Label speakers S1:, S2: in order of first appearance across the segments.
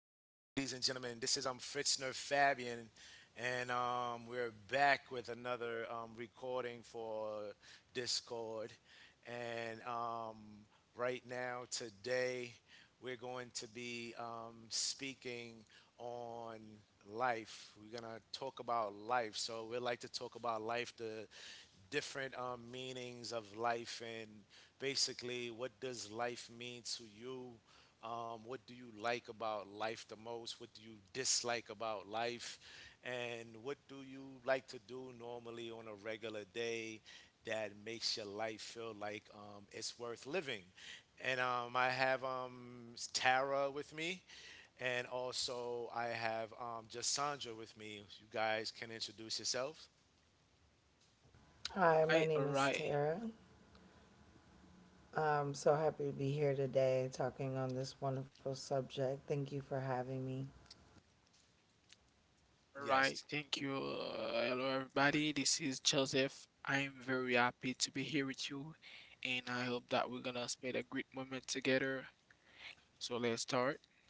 S1: and gentlemen. This is Fritzner Fabian, and we're back with another recording for Discord. And right now, today, we're going to be speaking on life. We're gonna talk about life. So we like to talk about life, the different meanings of life, and basically what does life mean to you, what do you like about life the most, what do you dislike about life, and what do you like to do normally on a regular day that makes your life feel like it's worth living. And I have Tara with me, and also I have just Sandra with me. You guys can introduce yourself.
S2: Hi, my name
S3: Right, all
S2: is
S3: right,
S2: Tara. I'm so happy to be here today talking on this wonderful subject. Thank you for having me.
S3: all
S1: Yes.
S3: right. Thank you. Hello, everybody. This is Joseph. I'm very happy to be here with you, and I hope that we're gonna spend a great moment together. So let's start.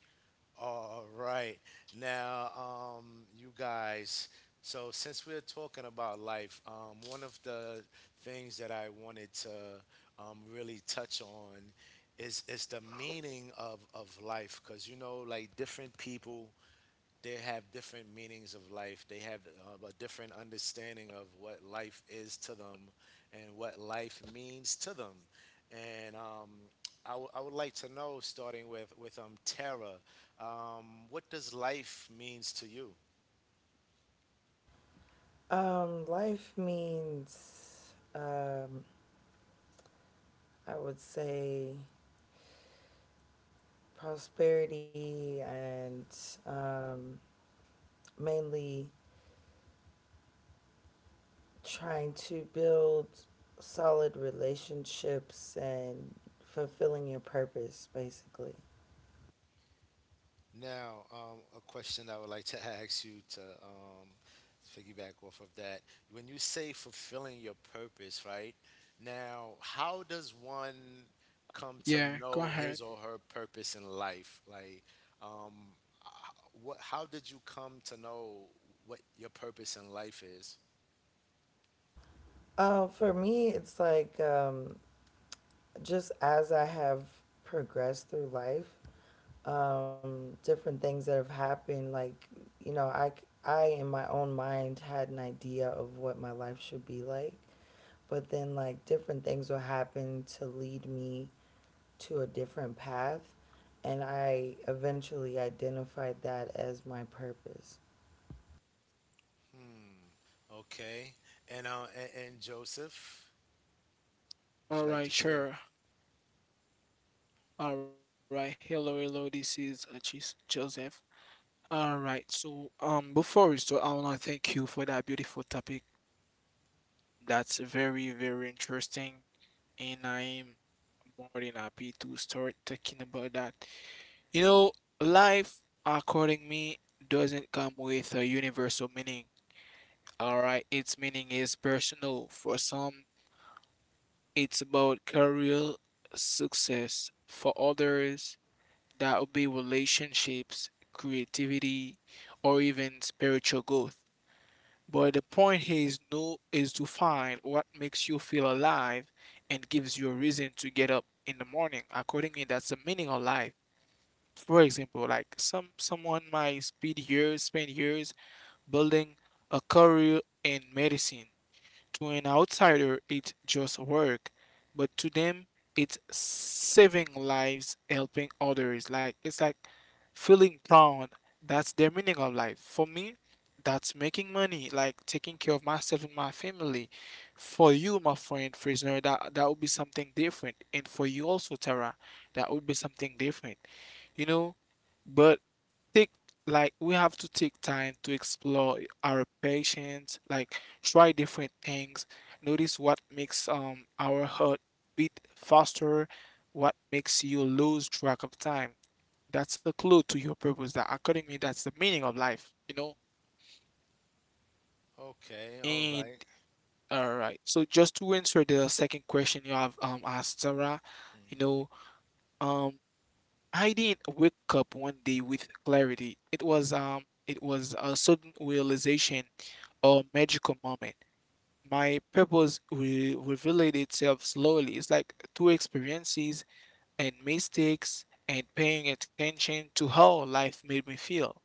S1: All right. Now, you guys, so since we're talking about life, one of the things that I wanted to really touch on is the meaning of life, because you know, like different people, they have different meanings of life. They have a different understanding of what life is to them and what life means to them. And I would like to know, starting with Tara, what does life means to you?
S2: Life means, I would say, prosperity and um, mainly trying to build solid relationships and fulfilling your purpose, basically.
S1: Now, a question I would like to ask you, to piggyback off of that. When you say fulfilling your purpose, right? Now, how
S3: Yeah,
S1: does
S3: go ahead.
S1: one come to know his or her purpose in life? Like, um, h- what? How did you come to know what your purpose in life is?
S2: For me, it's like just as I have progressed through life, different things that have happened. Like, you know, I, I in my own mind had an idea of what my life should be like, but then like different things will happen to lead me to a different path, and I eventually identified that as my purpose.
S1: Hmm. Okay. And and Joseph, would you like
S3: All
S1: to
S3: right,
S1: share?
S3: sure. All right, hello, hello. This is Joseph. All right. So, before we start, I wanna thank you for that beautiful topic. That's very, very interesting, and I'm more than happy to start talking about that. You know, life, according me, doesn't come with a universal meaning. All right, its meaning is personal. For some, it's about career success. For others, that would be relationships, creativity, or even spiritual growth. But the point here is no is to find what makes you feel alive and gives you a reason to get up in the morning. According me, that's the meaning of life. For example, like someone might spend years building a career in medicine. To an outsider, it's just work, but to them, it's saving lives, helping others. Like it's like feeling proud. That's their meaning of life. For me, that's making money, like taking care of myself and my family. For you, my friend Frisner, that would be something different, and for you also, Tara, that would be something different. You know, but take like we have to take time to explore our patients, like try different things, notice what makes our heart beat faster, what makes you lose track of time. That's a clue to your purpose. That, according to me, that's the meaning of life, you know?
S1: Okay. All
S3: And
S1: right.
S3: all right. So just to answer the second question you have asked Sarah, you
S1: Mm-hmm.
S3: know, um I didn't wake up one day with clarity. It was a sudden realization or magical moment. My purpose will reveal itself slowly. It's like through experiences and mistakes and paying attention to how life made me feel.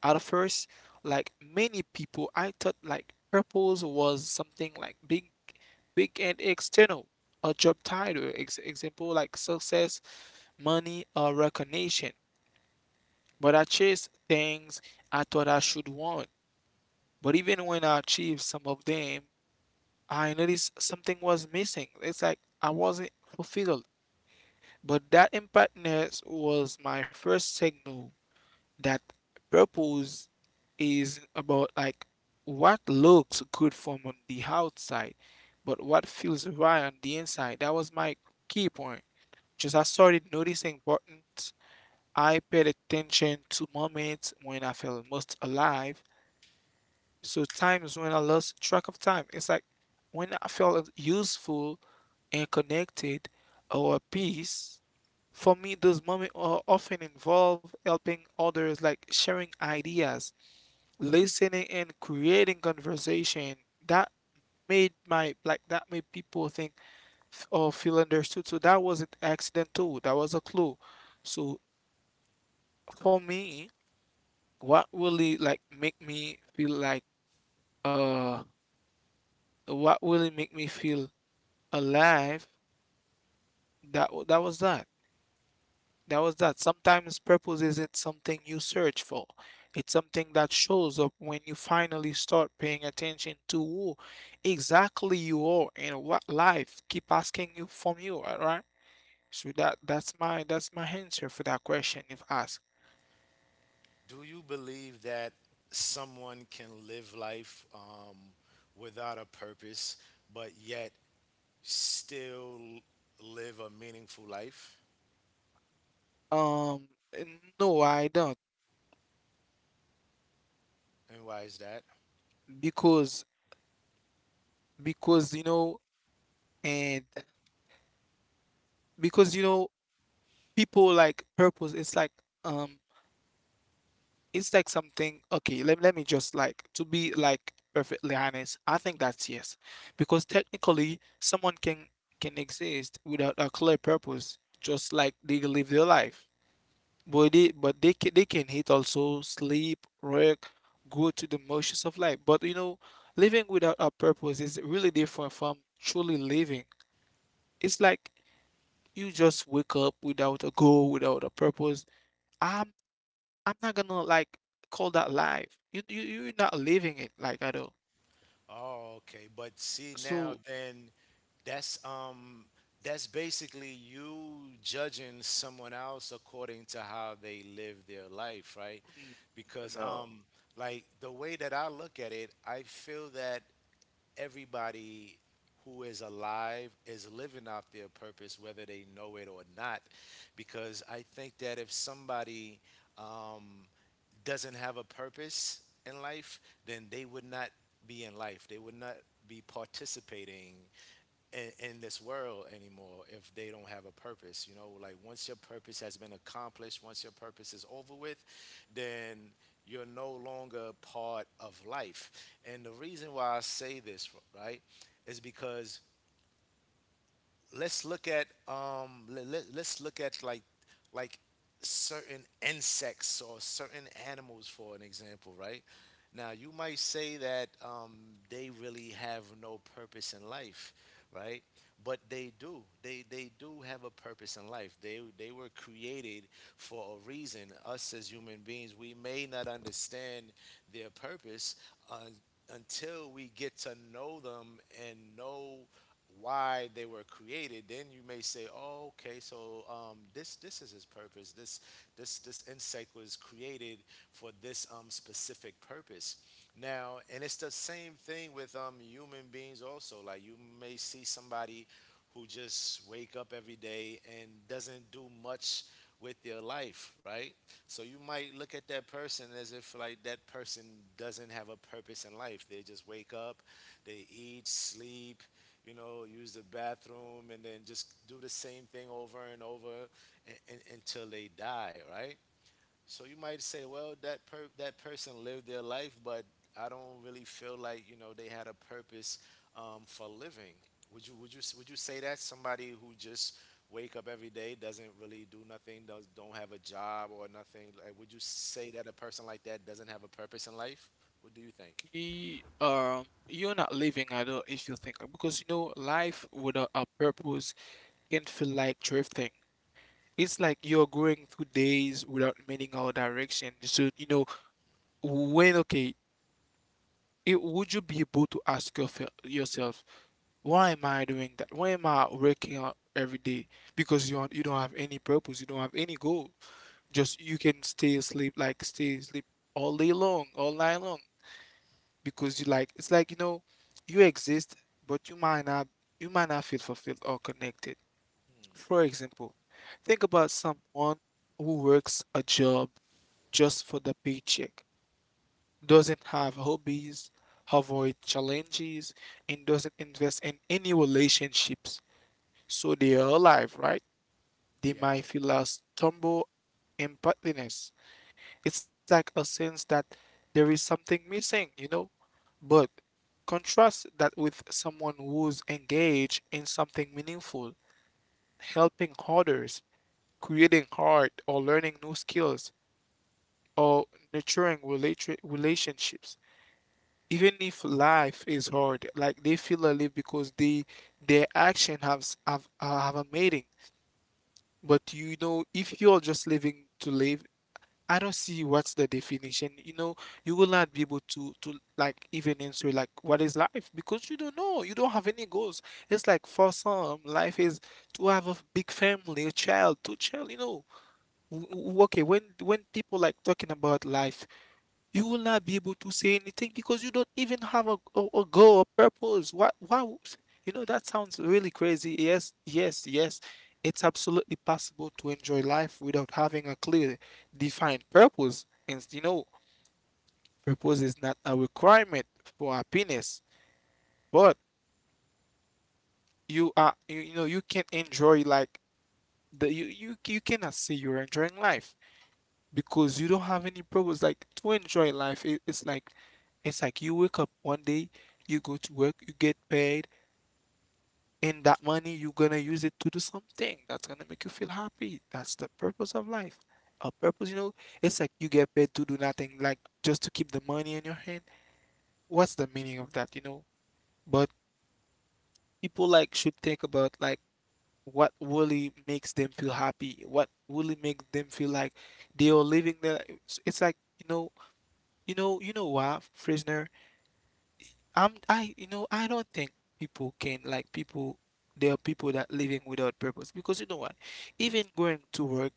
S3: At first, like many people, I thought like purpose was something like big and external, a job title, example like success, money, or recognition. But I chased things I thought I should want. But even when I achieved some of them, I noticed something was missing. It's like I wasn't fulfilled. But that impactness was my first signal that purpose is about like what looks good from on the outside, but what feels right on the inside. That was my key point. Just I started noticing buttons. I paid attention to moments when I felt most alive. So times when I lost track of time. It's like when I felt useful and connected our peace. For me, those moments are often involve helping others, like sharing ideas, listening, and creating conversation. That made my like that made people think or feel understood. So that wasn't accident too. That was a clue. So for me, what really like make me feel like uh, what really make me feel alive? That that was that. That was that. Sometimes purpose isn't something you search for. It's something that shows up when you finally start paying attention to who exactly you are and what life keep asking you from you, alright? So that's my answer for that question if asked.
S1: Do you believe that someone can live life without a purpose, but yet still live a meaningful life?
S3: Um no, I don't,
S1: And why is that?
S3: because you know, and because you know people like purpose um it's like something. Okay, let me just like to be like perfectly honest, I think that's yes, because technically someone can exist without a clear purpose, just like they live their life, but they can hit also sleep work, go to the motions of life. But you know, living without a purpose is really different from truly living. It's like you just wake up without a goal, without a purpose I'm. I'm not gonna like call that life. You're not living it like at all.
S1: Oh, okay. But see now,
S3: So
S1: then that's um that's basically you judging someone else according to how they live their life, right?
S3: mm,
S1: Because
S3: no,
S1: like the way that I look at it, I feel that everybody who is alive is living out their purpose, whether they know it or not. Because I think that if somebody um, doesn't have a purpose in life, then they would not be in life. They would not be participating in this world anymore if they don't have a purpose. You know, like once your purpose has been accomplished, once your purpose is over with, then you're no longer part of life. And the reason why I say this, right, is because let's look at let's look at like certain insects or certain animals for an example, right? Now you might say that they really have no purpose in life, right? But they do, they do have a purpose in life. They were created for a reason. Us as human beings, we may not understand their purpose, uh, until we get to know them and know why they were created. Then you may say, "Oh, okay, so this is his purpose. This insect was created for this specific purpose." Now, and it's the same thing with human beings also. Like you may see somebody who just wake up every day and doesn't do much with their life, right? So you might look at that person as if like that person doesn't have a purpose in life. They just wake up, they eat, sleep, you know, use the bathroom, and then just do the same thing over and over until they die, right? So you might say, well, that person lived their life, but I don't really feel like, you know, they had a purpose for living. Would you say that somebody who just wake up every day doesn't really do nothing, does don't have a job or nothing? Like, would you say that a person like that doesn't have a purpose in life? What do you think?
S3: you you're not living at all, if you think, because you know life without a purpose can feel like drifting. It's like you're going through days without meaning or direction. So you know, when, okay, would you be able to ask yourself, why am I doing that? Why am I working out every day? Because you don't have any purpose, you don't have any goal. Just you can stay asleep, like stay asleep all day long, all night long, because you like it's like you know you exist, but you might not feel fulfilled or connected. For example, think about someone who works a job just for the paycheck, doesn't have hobbies, avoid challenges, and doesn't invest in any relationships. So they are alive, right? They might
S1: Yeah.
S3: feel a stumble empathiness. It's like a sense that there is something missing, you know? But contrast that with someone who's engaged in something meaningful, helping others, creating art, or learning new skills, or nurturing relationships. Even if life is hard, like they feel alive because they their action have a meaning. But you know, if you're just living to live, I don't see what's the definition. You know, you will not be able to like even answer like what is life, because you don't know. You don't have any goals. It's like for some, life is to have a big family, a child, two child. You know, okay, when people like talking about life, you will not be able to say anything, because you don't even have a goal, a purpose. You know, that sounds really crazy. Yes, yes, yes. It's absolutely possible to enjoy life without having a clear, defined purpose. And you know, purpose is not a requirement for happiness, but you know, you can enjoy like you cannot say you're enjoying life, because you don't have any purpose. Like to enjoy life, it's like you wake up one day, you go to work, you get paid, and that money you're gonna use it to do something that's gonna make you feel happy. That's the purpose of life, a purpose, you know? It's like you get paid to do nothing, like just to keep the money in your hand. What's the meaning of that, you know? But people like should think about like what really makes them feel happy, what really makes them feel like they are living their it's like, you know. You know, you know what, Frisner? I'm I You know, I don't think people can like people. There are people that living without purpose, because you know what? Even going to work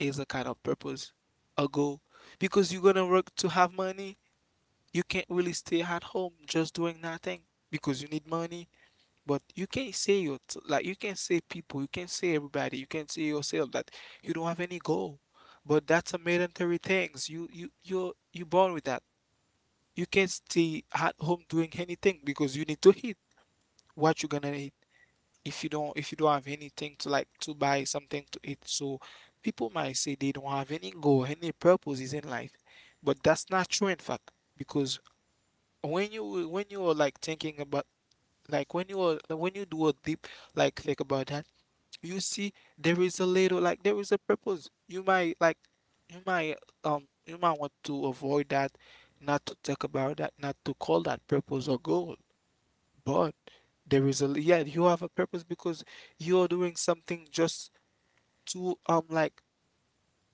S3: is a kind of purpose, a goal. Because you're gonna work to have money, you can't really stay at home just doing nothing because you need money. But you can't say your like you can't say people, you can't say everybody, you can't say yourself that you don't have any goal. But that's a mandatory things. You born with that. You can't stay at home doing anything because you need to eat. What you're gonna eat if you don't have anything to like to buy something to eat. So people might say they don't have any goal, any purposes in life, but that's not true in fact, because when you are like thinking about, like when you are when you do a deep like think about that, you see there is a little like there is a purpose. You might you might you might want to avoid that, not to talk about that, not to call that purpose or goal. But there is a, yeah, you have a purpose, because you're doing something just to like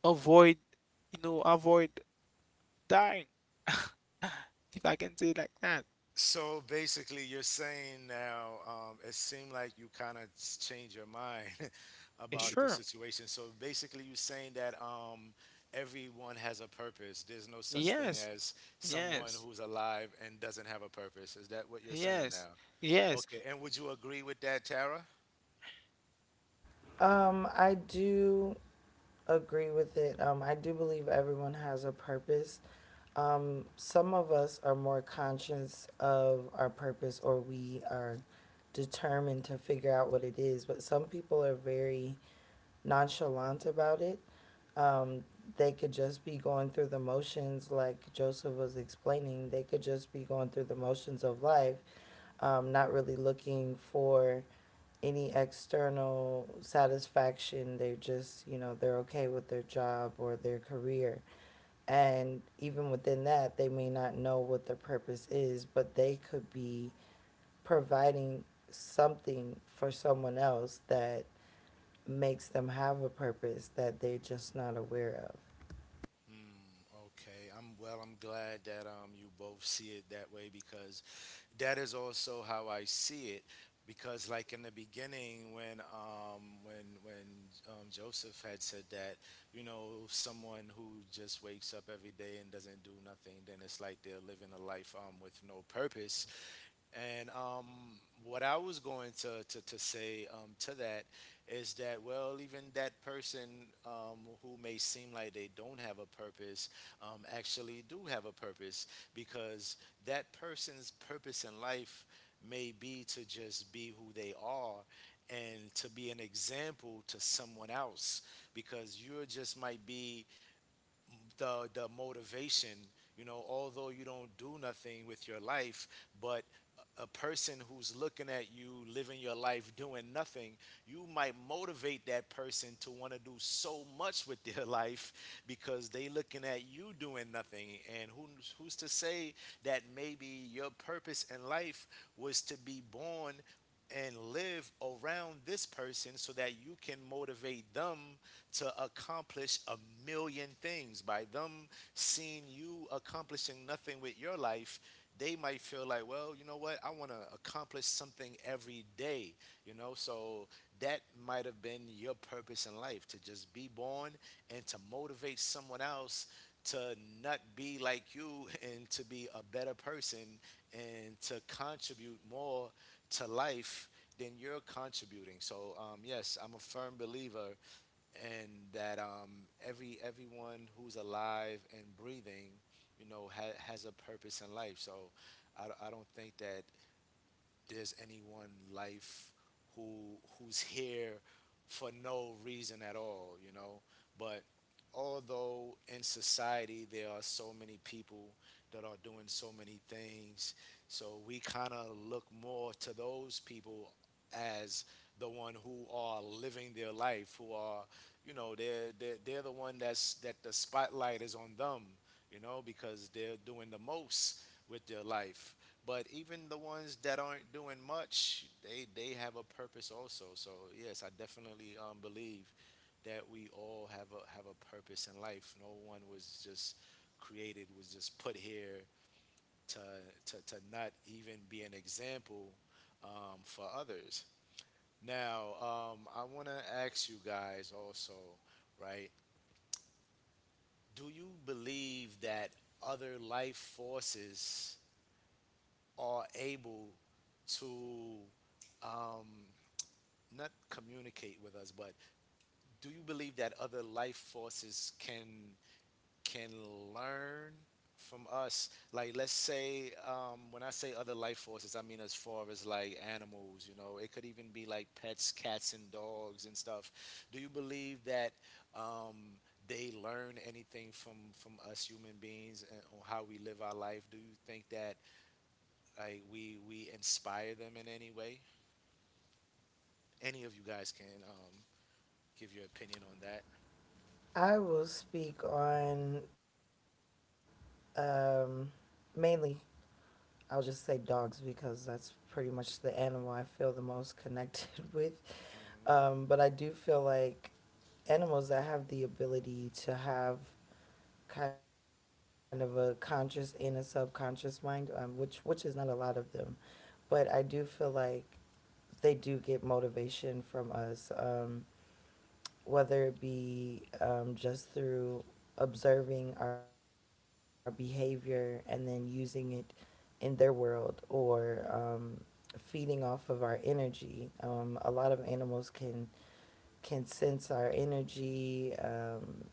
S3: avoid, you know, avoid dying if I can say it like that.
S1: So basically, you're saying now, it seemed like you kind of changed your mind about the
S3: Sure.
S1: situation. So basically, you're saying that everyone has a purpose. There's no such thing
S3: Yes,
S1: as someone
S3: yes,
S1: who's alive and doesn't have a purpose. Is that what you're saying
S3: yes,
S1: now?
S3: yes.
S1: Okay. And would you agree with that, Tara?
S2: I do agree with it. I do believe everyone has a purpose. Some of us are more conscious of our purpose or we are determined to figure out what it is, but some people are very nonchalant about it. Um, they could just be going through the motions, like Joseph was explaining. They could just be going through the motions of life, not really looking for any external satisfaction. They're just, you know, they're okay with their job or their career. And even within that, they may not know what their purpose is, but they could be providing something for someone else that makes them have a purpose that they're just not aware of.
S1: Hmm. Okay, I'm well. I'm glad that you both see it that way, because that is also how I see it, because like in the beginning when Joseph had said that, you know, someone who just wakes up every day and doesn't do nothing, then it's like they're living a life with no purpose. And what I was going to say, to that is that, well, even that person, who may seem like they don't have a purpose, actually do have a purpose, because that person's purpose in life may be to just be who they are and to be an example to someone else, because you just might be the motivation, you know. Although you don't do nothing with your life, but a person who's looking at you living your life doing nothing, you might motivate that person to want to do so much with their life, because they looking at you doing nothing. And who who's to say that maybe your purpose in life was to be born and live around this person so that you can motivate them to accomplish a million things. By them seeing you accomplishing nothing with your life, they might feel like, well, you know what? I want to accomplish something every day, you know? So that might have been your purpose in life, to just be born and to motivate someone else to not be like you and to be a better person and to contribute more to life than you're contributing. So, yes, I'm a firm believer and that, everyone who's alive and breathing, you know, has a purpose in life. So I don't think that there's anyone life who who's here for no reason at all, you know. But although in society there are so many people that are doing so many things, so we kind of look more to those people as the one who are living their life, who are, you know, they're the one that's that the spotlight is on them, you know, because they're doing the most with their life. But even the ones that aren't doing much, they have a purpose also. So yes, I definitely believe that we all have a purpose in life. No one was just created was just put here to to not even be an example for others. Now, I want to ask you guys also, right? Do you believe that other life forces are able to um, not communicate with us, but do you believe that other life forces can learn from us? Like, let's say, when I say other life forces, I mean as far as like animals. You know, it could even be like pets, cats, and dogs and stuff. Do you believe that Um, they learn anything from us human beings, and on how we live our life? Do you think that like we inspire them in any way? Any of you guys can give your opinion on that.
S2: I will speak on um, mainly I'll just say dogs because that's pretty much the animal I feel the most connected with. But
S1: Hmm.
S2: I do feel like animals that have the ability to have kind of a conscious and a subconscious mind, which is not a lot of them. But I do feel like they do get motivation from us, whether it be just through observing our behavior and then using it in their world or feeding off of our energy. A lot of animals can sense our energy.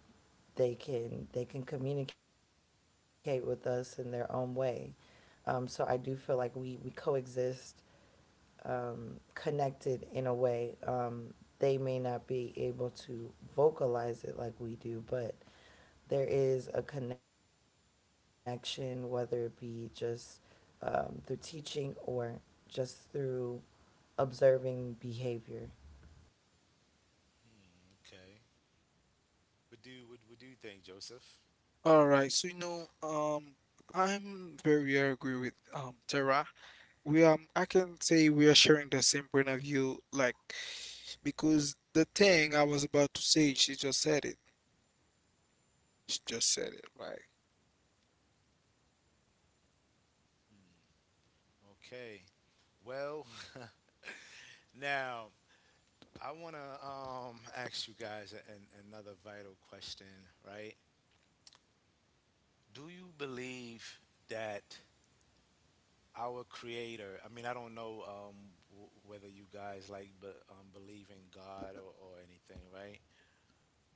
S2: they can communicate with us in their own way. So I do feel like we coexist connected in a way. They may not be able to vocalize it like we do, but there is a connection, whether it be just through teaching or just through observing behavior.
S1: Okay. What do you think, Joseph?
S3: All right, so you know, I'm very agree with Tara. We I can say we are sharing the same point of view, like because the thing I was about to say, she just said it. She just said it, right?
S1: Okay. Well, now I want to ask you guys another vital question, right? Do you believe that our Creator? I mean, I don't know whether you guys like believe in God or anything, right?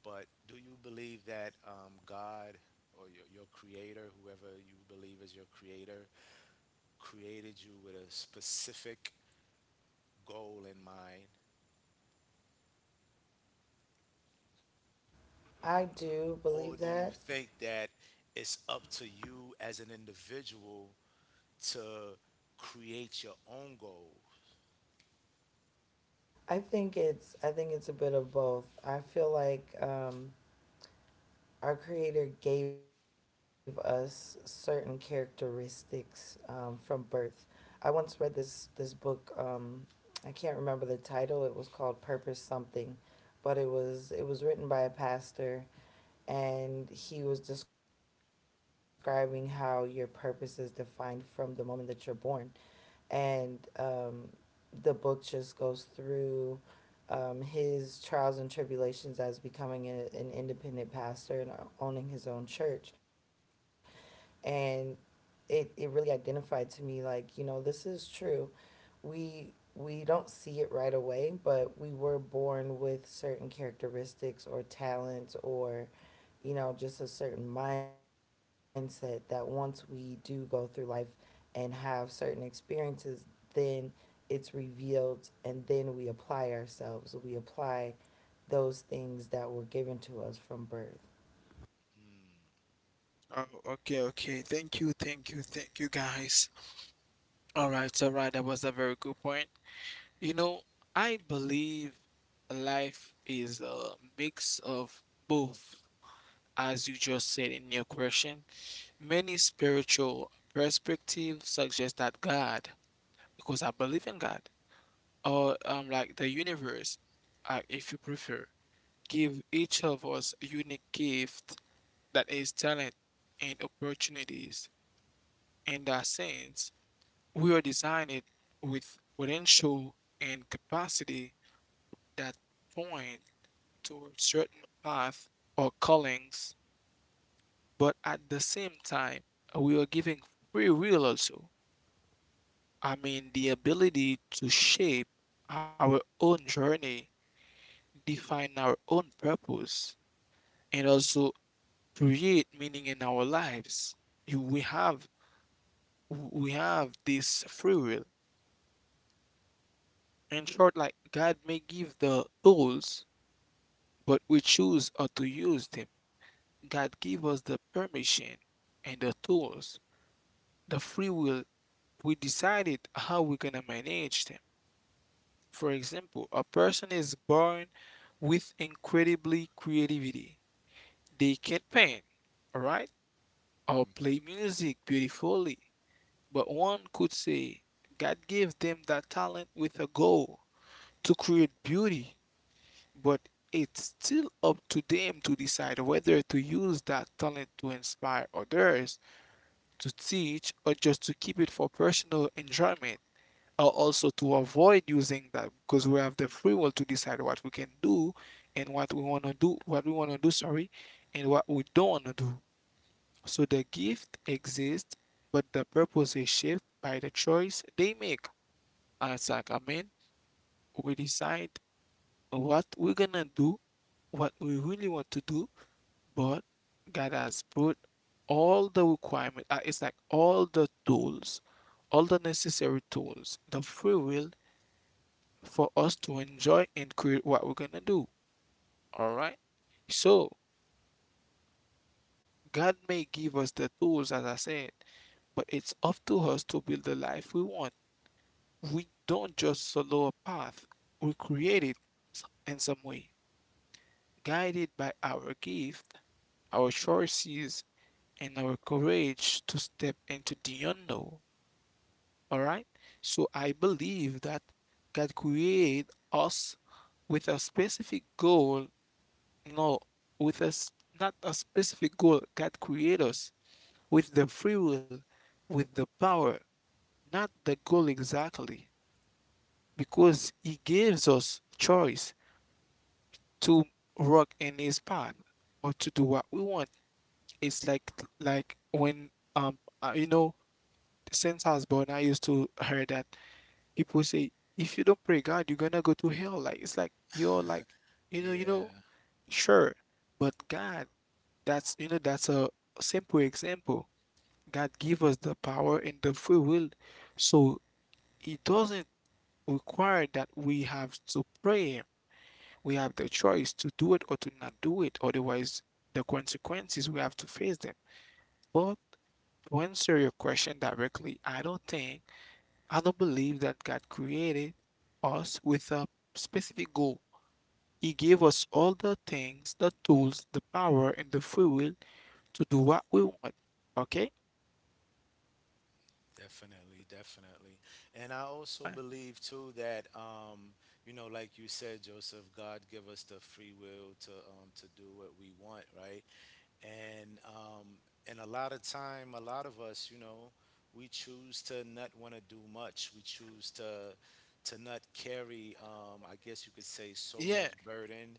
S1: But do you believe that God or your creator, whoever you believe is your creator, created you with a specific goal in mind?
S2: I do
S1: Or
S2: believe
S1: do you
S2: that.
S1: think that it's up to you as an individual to create your own goal?
S2: I think it's a bit of both. I feel like our Creator gave us certain characteristics from birth. I once read this book. I can't remember the title. It was called Purpose Something, but it was written by a pastor, and he was describing how your purpose is defined from the moment that you're born, and the book just goes through his trials and tribulations as becoming an independent pastor and owning his own church, and it really identified to me like, you know, this is true. We we don't see it right away, but we were born with certain characteristics or talents or, you know, just a certain mindset that once we do go through life and have certain experiences, then it's revealed and then we apply ourselves. We apply those things that were given to us from birth.
S1: Mm.
S3: Oh, okay, okay. Thank you, thank you, thank you, guys. All right, all right. That was a very good point. You know, I believe life is a mix of both, as you just said in your question. Many spiritual perspectives suggest that God, because I believe in God, or like the universe, if you prefer, give each of us unique gift, that is talent and opportunities. In that sense, we are designed with potential and capacity that point toward certain path or callings, but at the same time, we are giving free will also. I mean, the ability to shape our own journey, define our own purpose, and also create meaning in our lives. We have we have this free will. In short, like God may give the tools, but we choose how to use them. God give us the permission and the tools, the free will. We decided how we're gonna manage them. For example, a person is born with incredibly creativity. They can paint, all right, or play music beautifully. But one could say God gave them that talent with a goal to create beauty, but it's still up to them to decide whether to use that talent to inspire others, to teach, or just to keep it for personal enjoyment. Or also to avoid using them because we have the free will to decide what we can do and what we want to do, what we want to do, sorry, and what we don't want to do. So the gift exists, but the purpose is shaped by the choice they make. It's like, I mean, we decide what we're gonna do, what we really want to do, but God has put all the requirements. It's like all the tools, all the necessary tools, the free will for us to enjoy and create what we're gonna do. All right. So God may give us the tools, as I said, but it's up to us to build the life we want. We don't just follow a path, we create it in some way, guided by our gift, our choices, and our courage to step into the unknown. All right. So I believe that God created us with a specific goal. No, with us, not a specific goal. God created us with the free will, with the power, not the goal exactly, because He gives us choice to walk in His path or to do what we want. It's like when um uh, you know since I was born, I used to hear that people say, if you don't pray God, you're gonna go to hell. Like it's like you're like you know you know
S1: Yeah,
S3: sure, but God— that's, that's a simple example. God give us the power and the free will. So it doesn't require that we have to pray him. We have the choice to do it or to not do it. Otherwise, the consequences, we have to face them. But to answer your question directly, I don't believe that God created us with a specific goal. He gave us all the things, the tools, the power, and the free will to do what we want. Okay?
S1: definitely, definitely. And I also believe too that, you know, like you said, Joseph, God give us the free will to do what we want, right? And and a lot of time, a lot of us, you know, we choose to not want to do much. We choose to not carry, I guess you could say, so much
S3: Yeah,
S1: burden,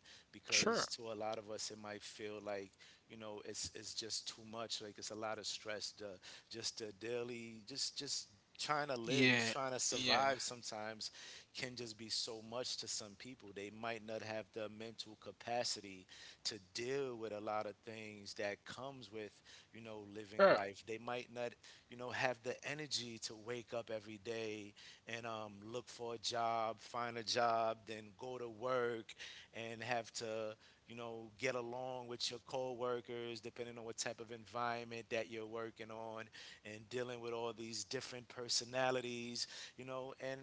S3: sure.
S1: because to a lot of us it might feel like, you know, it's just too much. Like it's a lot of stress, to just the daily, just trying to live, just
S3: Yeah,
S1: trying to
S3: yeah,
S1: survive sometimes can just be so much to some people. They might not have the mental capacity to deal with a lot of things that comes with living
S3: sure.
S1: life. They might not have the energy to wake up every day and look for a job, find a job, then go to work, and have to get along with your coworkers, depending on what type of environment that you're working on, and dealing with all these different personalities, and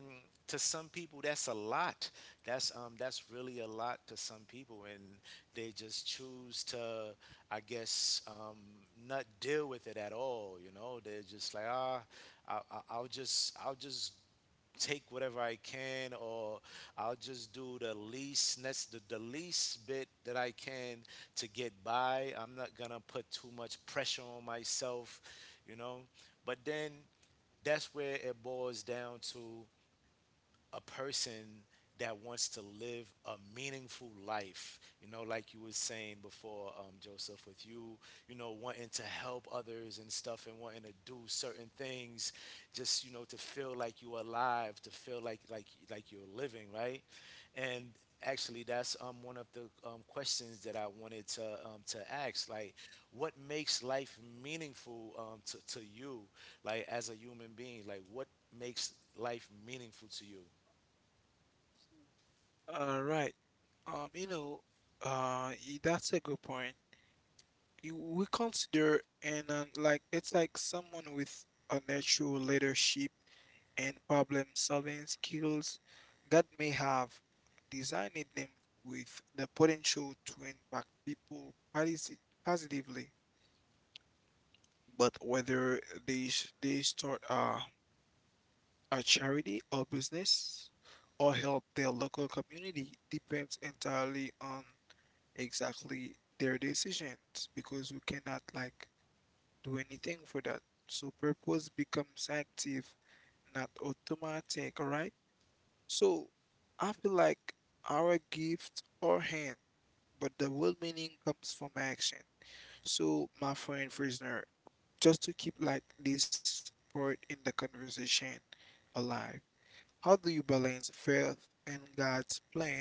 S1: to some people that's a lot. That's really a lot to some people. And they just choose to, I guess, not deal with it at all. You know, they're just like, I'll just take whatever I can, or I'll just do the least, the least bit that I can to get by. I'm not gonna put too much pressure on myself, you know. But then that's where it boils down to a person that wants to live a meaningful life, you know like you was saying before, Joseph, with you, you know wanting to help others and stuff and wanting to do certain things, just to feel like you're alive, to feel like you're living, right? And actually, that's one of the questions that I wanted to ask, like, what makes life meaningful, to you, like, as a human being, like, what makes life meaningful to you?
S3: All right. Um, you know, that's a good point. You we consider and like it's like someone with a natural leadership and problem-solving skills that may have designed them with the potential to impact people positively. But whether they start a charity or business or help their local community depends entirely on exactly their decisions because we cannot like do anything for that. So purpose becomes active, not automatic, right? So I feel like our gift or hand, but the real meaning comes from action. So my friend prisoner, just to keep like this part in the conversation alive. How do you balance faith and God's plan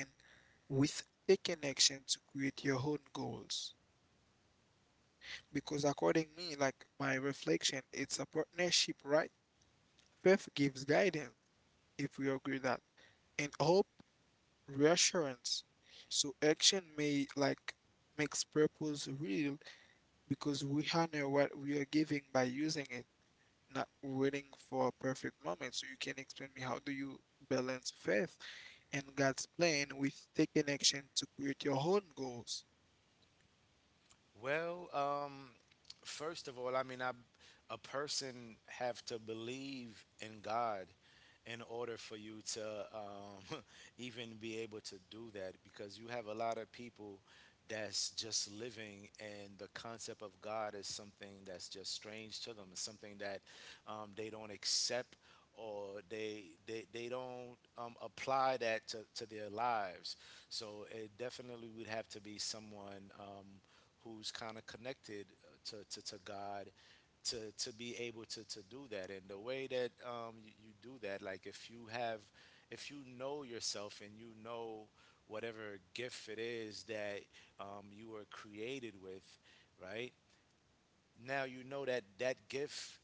S3: with taking action to create your own goals? Because according me, like my reflection, it's a partnership, right? Faith gives guidance, if we agree that, and hope reassurance. So action may like makes purpose real because we honor what we are giving by using it. Not waiting for a perfect moment. So you can explain me how do you balance faith and God's plan with taking action to create your own goals?
S1: Well, first of all, I mean, a person have to believe in God in order for you to even be able to do that, because you have a lot of people that's just living, and the concept of God is something that's just strange to them. It's something that they don't accept, or they don't apply that to their lives. So it definitely would have to be someone. Who's kind of connected to God, to be able to do that. And the way that you do that, like if if you know yourself and whatever gift it is that you were created with, right? Now you know that that gift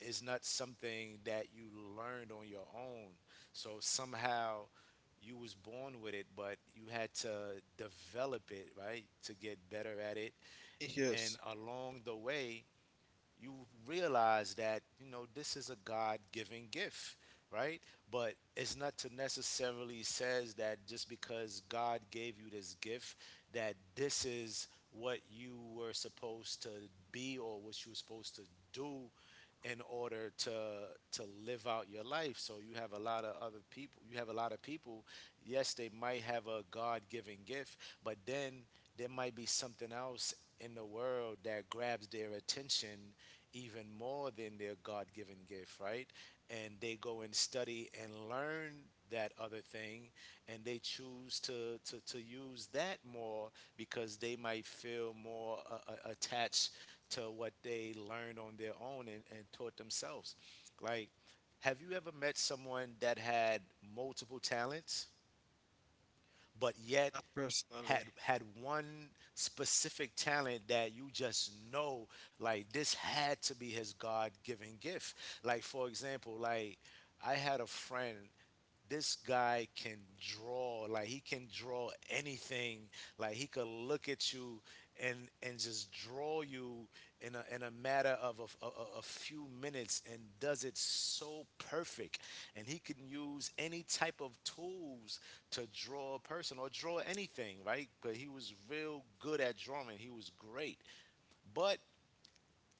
S1: is not something that you learned on your own. So somehow you was born with it, but you had to develop it, right? To get better at it. And
S3: Yes,
S1: along the way, you realize that, this is a God-given gift, right? But it's not to necessarily says that just because God gave you this gift, that this is what you were supposed to be or what you were supposed to do in order to live out your life. So you have a lot of other people, you have a lot of people, yes, they might have a God-given gift, but then there might be something else in the world that grabs their attention even more than their God given gift, right? And they go and study and learn that other thing, and they choose to use that more, because they might feel more attached to what they learned on their own, and taught themselves. Like, have you ever met someone that had multiple talents, but yet
S3: not
S1: had
S3: personally.
S1: had one specific talent that you just know, like, this had to be his God-given gift? Like, for example, like, I had a friend. This guy can draw. Like, he can draw anything. Like, he could look at you and and just draw you in a matter of a few minutes, and does it so perfect. And he can use any type of tools to draw a person or draw anything, right? But he was real good at drawing. He was great. But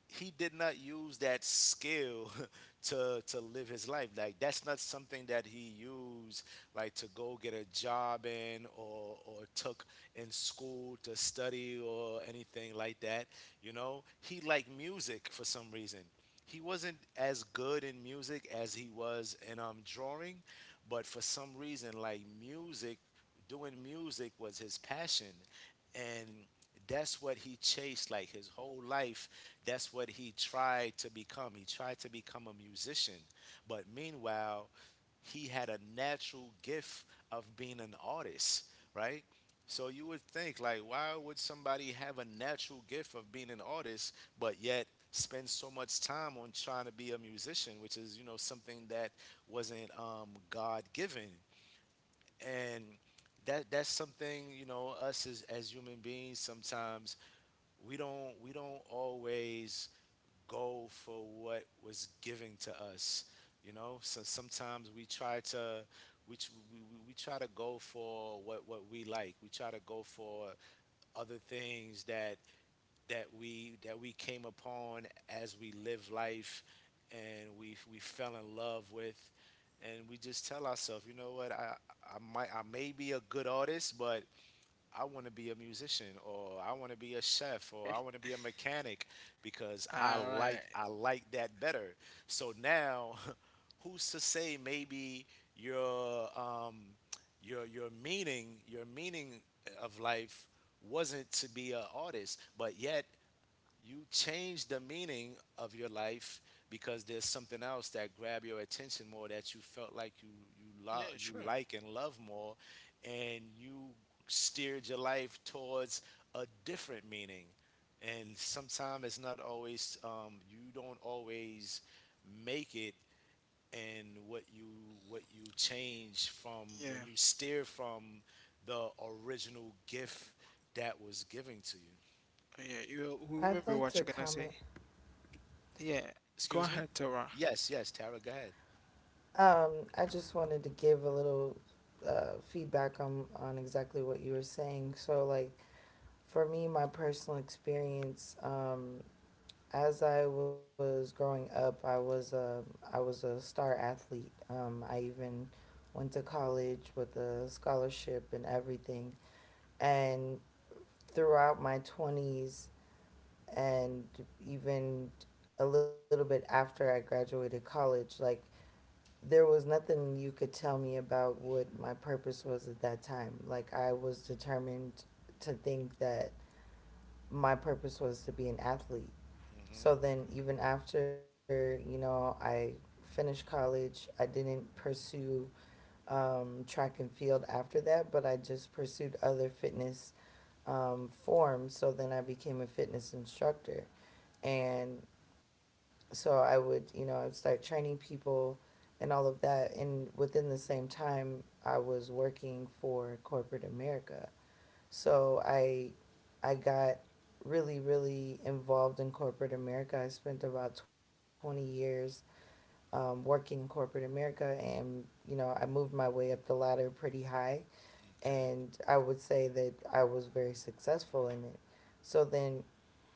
S1: he did not use that skill to live his life. Like, that's not something that he used, like, to go get a job in, or took in school to study, or anything like that. You know, he liked music for some reason. He wasn't as good in music as he was in drawing. But for some reason, like music doing music was his passion. And that's what he chased, like, his whole life. That's what he tried to become. He tried to become a musician. But meanwhile, he had a natural gift of being an artist, right? So you would think, like, why would somebody have a natural gift of being an artist, but yet spend so much time on trying to be a musician, which is, something that wasn't God given? And that's something, you know, us as human beings sometimes, we don't always go for what was given to us. You know, so sometimes we try to go for what we like. We try to go for other things that that we came upon as we live life, and we fell in love with. And we just tell ourselves, you know what, I may be a good artist, but I want to be a musician, or I want to be a chef, or I want to be a mechanic because I
S3: All
S1: like
S3: right.
S1: I like that better. So now who's to say, maybe your um your meaning of life wasn't to be an artist, but yet you change the meaning of your life because there's something else that grabbed your attention more, that you felt like you you lo-
S3: Yeah,
S1: you
S3: sure.
S1: like and love more, and you steered your life towards a different meaning. And sometimes it's not always, you don't always make it. And what you, what you change from
S3: Yeah.
S1: when you steer from the original gift that was given to you.
S3: Yeah. You remember what
S2: I'd
S3: you're gonna
S2: like
S3: say?
S2: to comment.
S3: Yeah. Go
S1: Excuse me?
S3: ahead, Tara.
S1: Yes, yes, Tara, go ahead.
S2: I just wanted to give a little feedback on exactly what you were saying. So, like, for me, my personal experience, as I was growing up, I was a star athlete. I even went to college with a scholarship and everything. And throughout my twenties, and even a little bit after I graduated college, like there was nothing you could tell me about what my purpose was at that time. Like I was determined to think that my purpose was to be an athlete.
S1: Mm-hmm.
S2: So then even after, you know, I finished college, I didn't pursue track and field after that, but I just pursued other fitness forms. So then I became a fitness instructor. And so I would, you know, I'd start training people and all of that. And within the same time, I was working for corporate America. So I, I got really, really involved in corporate America. I spent about 20 years working in corporate America and, you know, I moved my way up the ladder pretty high.
S1: Okay.
S2: And I would say that I was very successful in it. So then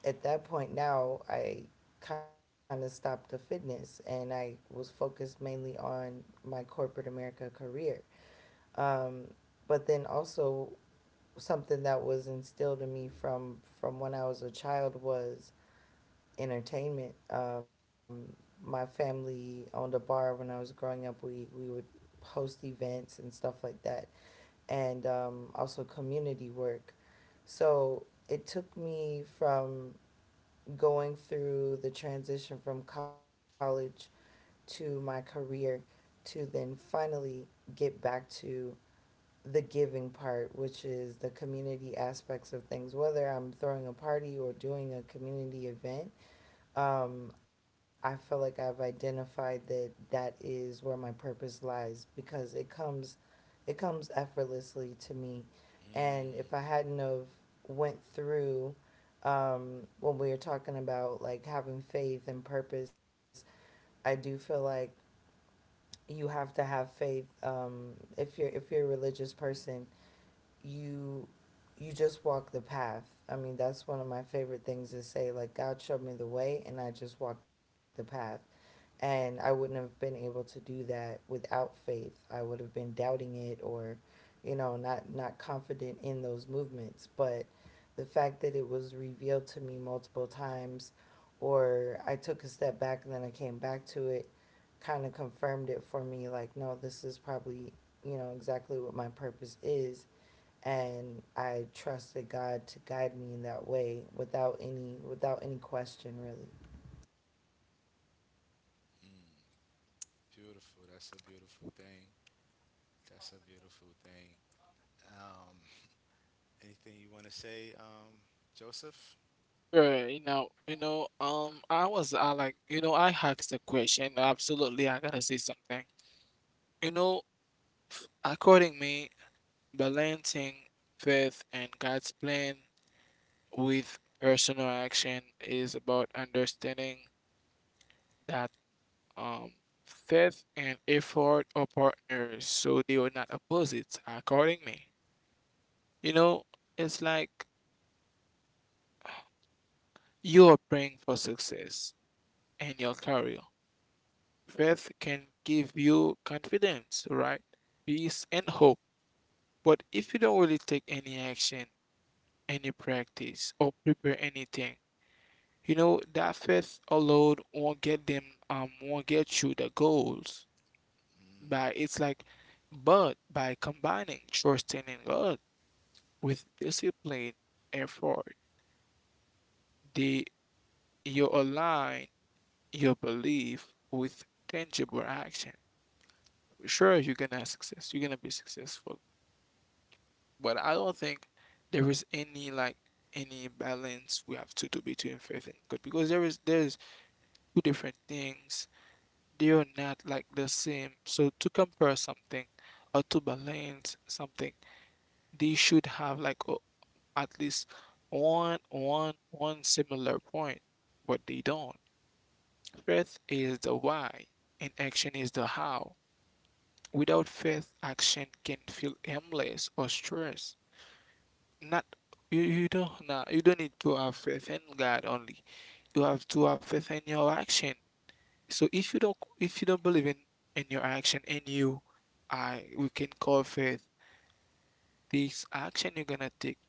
S2: at that point now I kind of stopped the fitness and I was focused mainly on my corporate America career. Um, but then also something that was instilled in me from when I was a child was entertainment. My family owned a bar when I was growing up. We would host events and stuff like that, and also community work. So it took me from going through the transition from college to my career to then finally get back to the giving part, which is the community aspects of things, whether I'm throwing a party or doing a community event, I feel like I've identified that that is where my purpose lies because it comes effortlessly to me. And
S1: Mm,
S2: if I hadn't of went through when we were talking about like having faith and purpose, I do feel like you have to have faith. If you're a religious person, you you just walk the path. I mean, that's one of my favorite things to say. Like God showed me the way, and I just walked the path. And I wouldn't have been able to do that without faith. I would have been doubting it or, you know, not confident in those movements. But the fact that it was revealed to me multiple times, or I took a step back and then I came back to it, kind of confirmed it for me like, no, this is probably, you know, exactly what my purpose is. And I trusted God to guide me in that way without any question really.
S1: beautiful. That's a beautiful thing. That's a beautiful thing. Um, anything you want to say, Joseph?
S3: Right, I was, I like, I asked the question. Absolutely, I gotta say something. You know, according me, balancing faith and God's plan with personal action is about understanding that um, faith and effort are partners, so they are not opposites, according me. You know, it's like you are praying for success in your career. Faith can give you confidence, right? Peace and hope. But if you don't really take any action, any practice, or prepare anything, that faith alone won't won't get you the goals.
S1: Mm,
S3: But it's like, but by combining trusting in God with discipline effort, the you align your belief with tangible action. Sure, you're gonna be successful. But I don't think there is any like any balance we have to do between faith and God because there's two different things, they are not like the same. So to compare something or to balance something, they should have like at least one similar point, but they don't. Faith is the why, and action is the how. Without faith, action can feel aimless or stress. Not you, you don't you don't need to have faith in God only. You have to have faith in your action. So if you don't believe in your action and you— I, we can call faith, this action you're gonna take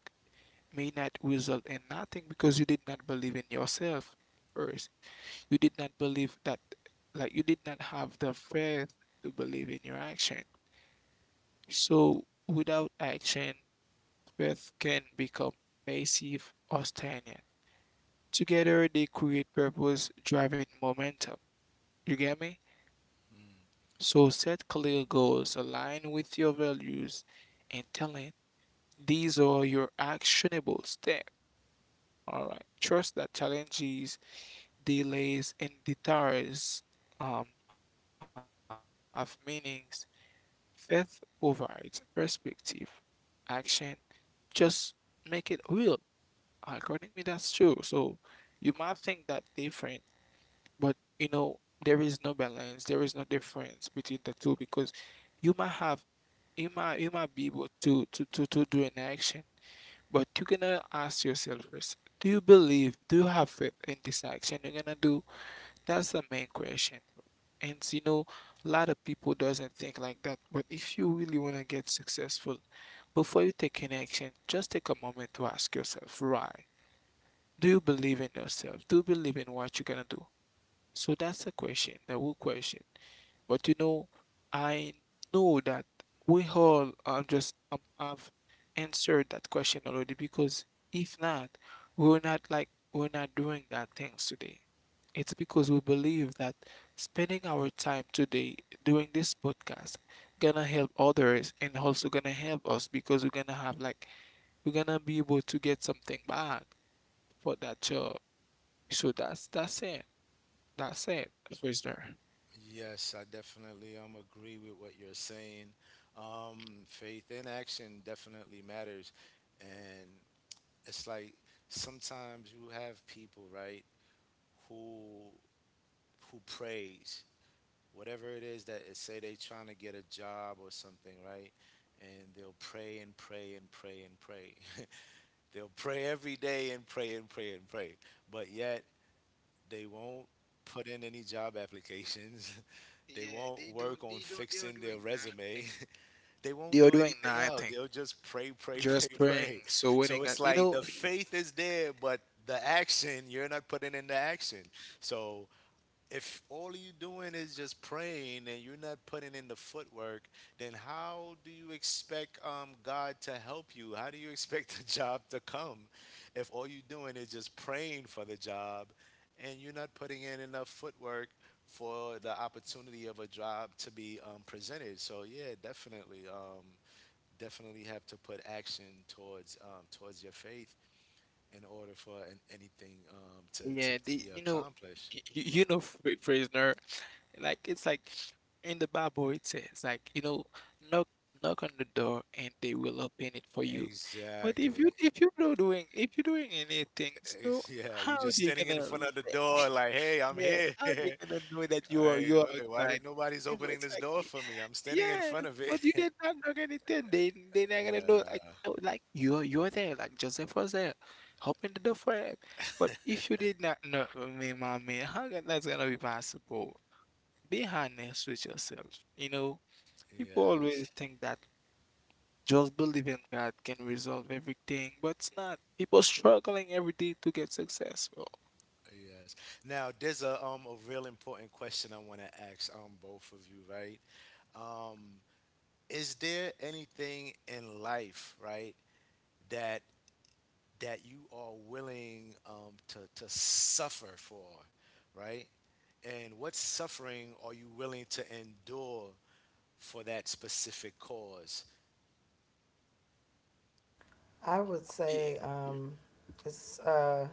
S3: may not result in nothing because you did not believe in yourself first. You did not believe that you did not have the faith to believe in your action. So without action, faith can become passive or stagnant. Together they create purpose driving momentum. You get me?
S1: mm.
S3: So set clear goals aligned with your values and talent. These are your actionable steps. All right. Trust that challenges, delays, and detours have meanings. Faith provides perspective. Action just make it real. According to me, that's true. So you might think that different, but you know there is no balance. There is no difference between the two because you might have you might be able to do an action, but you're gonna ask yourself first, do you have faith in this action you're gonna do? That's the main question. And you know, a lot of people doesn't think like that. But if you really wanna get successful, before you take an action, just take a moment to ask yourself, why? Do you believe in yourself? Do you believe in what you're gonna do? So that's the question, the whole question. But you know, I know that we all just have answered that question already because if not, we're not doing that things today. It's because we believe that spending our time today doing this podcast gonna help others and also gonna help us because we're gonna have like we're gonna be able to get something back for that job. So that's it. That's it, prisoner.
S1: Yes, I definitely agree with what you're saying. Faith in action definitely matters, and it's like sometimes you have people, right, who who praise whatever it is that is, say they trying to get a job or something, right? And they'll pray and pray and pray and pray. They'll pray every day and pray and pray and pray. But yet they won't put in any job applications. They
S3: Yeah,
S1: won't work on
S3: they are
S1: fixing their
S3: doing
S1: resume.
S3: nothing.
S1: They won't
S3: They are
S1: do
S3: doing
S1: anything else.
S3: nothing,
S1: They'll just pray, pray, pray,
S3: just praying.
S1: pray.
S3: So when they
S1: So it's
S3: got, you
S1: like
S3: know,
S1: the faith is there, but the action, you're not putting in the action. So if all you doing is just praying and you're not putting in the footwork, then how do you expect God to help you? How do you expect the job to come if all you're doing is just praying for the job and you're not putting in enough footwork for the opportunity of a job to be presented? So yeah, definitely, definitely have to put action towards, towards your faith in order for anything um, to, to
S3: yeah,
S1: to
S3: they,
S1: be
S3: you know,
S1: accomplished.
S3: you know, prisoner, like it's like in the Bible it says, like you know, knock, knock on the door and they will open it for you. But if
S1: Exactly.
S3: you, if you're not doing, if you're doing anything, so
S1: Yeah,
S3: how
S1: you
S3: are
S1: just
S3: they
S1: standing in
S3: gonna—
S1: front of the door, like, hey, I'm
S3: yeah,
S1: here.
S3: how they gonna know that you are,
S1: Hey,
S3: you're
S1: wait, why
S3: outside?
S1: did nobody's
S3: You know,
S1: opening
S3: it's
S1: this
S3: like.
S1: door for me? I'm standing in
S3: Yes,
S1: front of it.
S3: but you did not know anything. They not gonna know like,
S1: Yeah,
S3: oh, like you're there, like Joseph was there, helping the door for him. But if you did not know me, mommy, how can that's gonna be possible? Be honest with yourself. You know, people always
S1: yes,
S3: think that just believing God can resolve everything, but it's not. People struggling every day to get successful.
S1: yes. Now, there's a real important question I want to ask both of you, right? Um, is there anything in life, right, that that you are willing to suffer for, right? And what suffering are you willing to endure for that specific cause?
S2: I would
S3: Y-
S2: say it's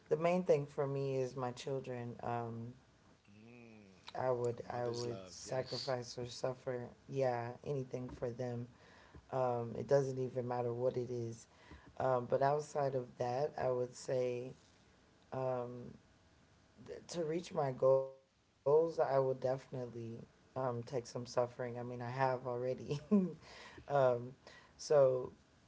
S2: the main thing for me is my children.
S1: Mm,
S2: I would
S1: mother's love,
S2: sacrifice or
S1: yes.
S2: suffer, yeah, anything for them. It doesn't even matter what it is. But outside of that, I would say um, to reach my goals, I would definitely take some suffering. I mean, I have already. um, so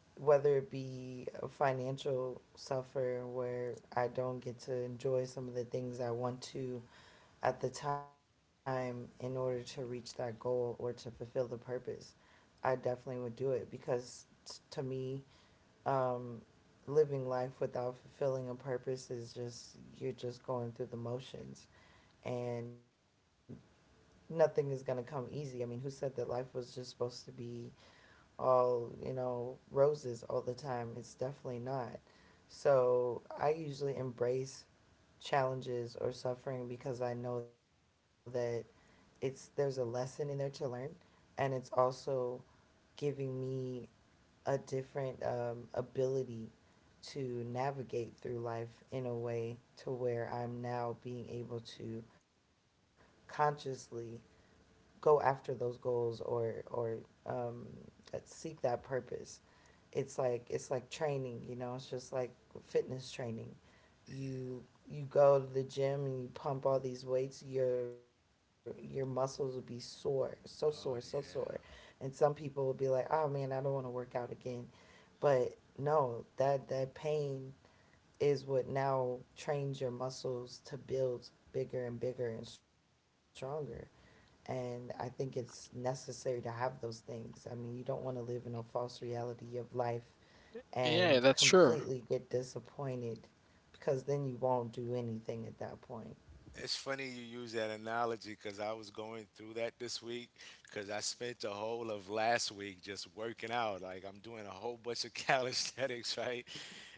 S2: whether it be a financial suffer where I don't get to enjoy some of the things I want to at the time in order to reach that goal or to fulfill the purpose, I definitely would do it because to me, um, living life without fulfilling a purpose is just, you're just going through the motions, and nothing is going to come easy. I mean, who said that life was just supposed to be all, you know, roses all the time? It's definitely not. So I usually embrace challenges or suffering because I know that it's there's a lesson in there to learn, and it's also giving me a different ability to navigate through life in a way to where I'm now being able to consciously go after those goals or um, seek that purpose. It's like training, you know, it's just like fitness training. You go to the gym and you pump all these weights, your muscles will be sore, so sore, so
S1: Oh,
S2: sore.
S1: yeah.
S2: And some people will be like, "Oh man, I don't want to work out again." But no, that pain is what now trains your muscles to build bigger and bigger and stronger. And I think it's necessary to have those things. I mean, you don't want to live in a false reality of life
S3: Yeah,
S2: and
S3: that's true.
S2: completely get disappointed because then you won't do anything at that point.
S1: It's funny you use that analogy because I was going through that this week because I spent the whole of last week just working out. Like, I'm doing a whole bunch of calisthenics, right?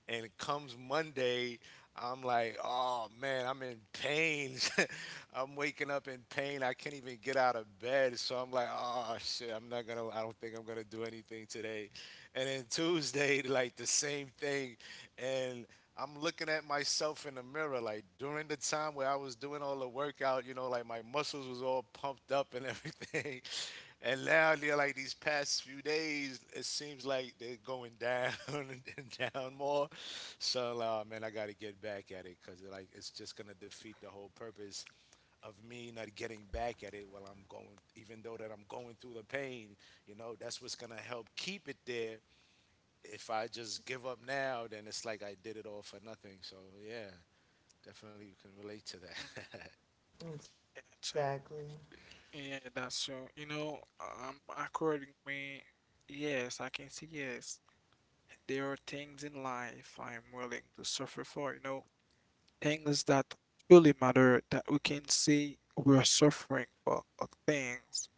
S1: And it comes Monday, I'm like, oh man, I'm in pain. I'm waking up in pain. I can't even get out of bed. So I'm like, oh shit, I'm not gonna. I don't think I'm gonna do anything today. And then Tuesday, like the same thing. And I'm looking at myself in the mirror, like during the time where I was doing all the workout, like my muscles was all pumped up and everything. And now they're like, these past few days, it seems like they're going down and down more. So, man, I got to get back at it because like it's just gonna defeat the whole purpose of me not getting back at it while I'm going, even though that I'm going through the pain. You know, that's what's gonna help keep it there. If I just give up now, then it's like I did it all for nothing. So, yeah, definitely you can relate to
S3: Mm.
S1: that.
S2: Exactly.
S3: Gotcha. Yeah, that's true. You know, accordingly, yes, I can say yes. There are things in life I'm willing to suffer for, you know, things that truly matter that we can see we're suffering for, things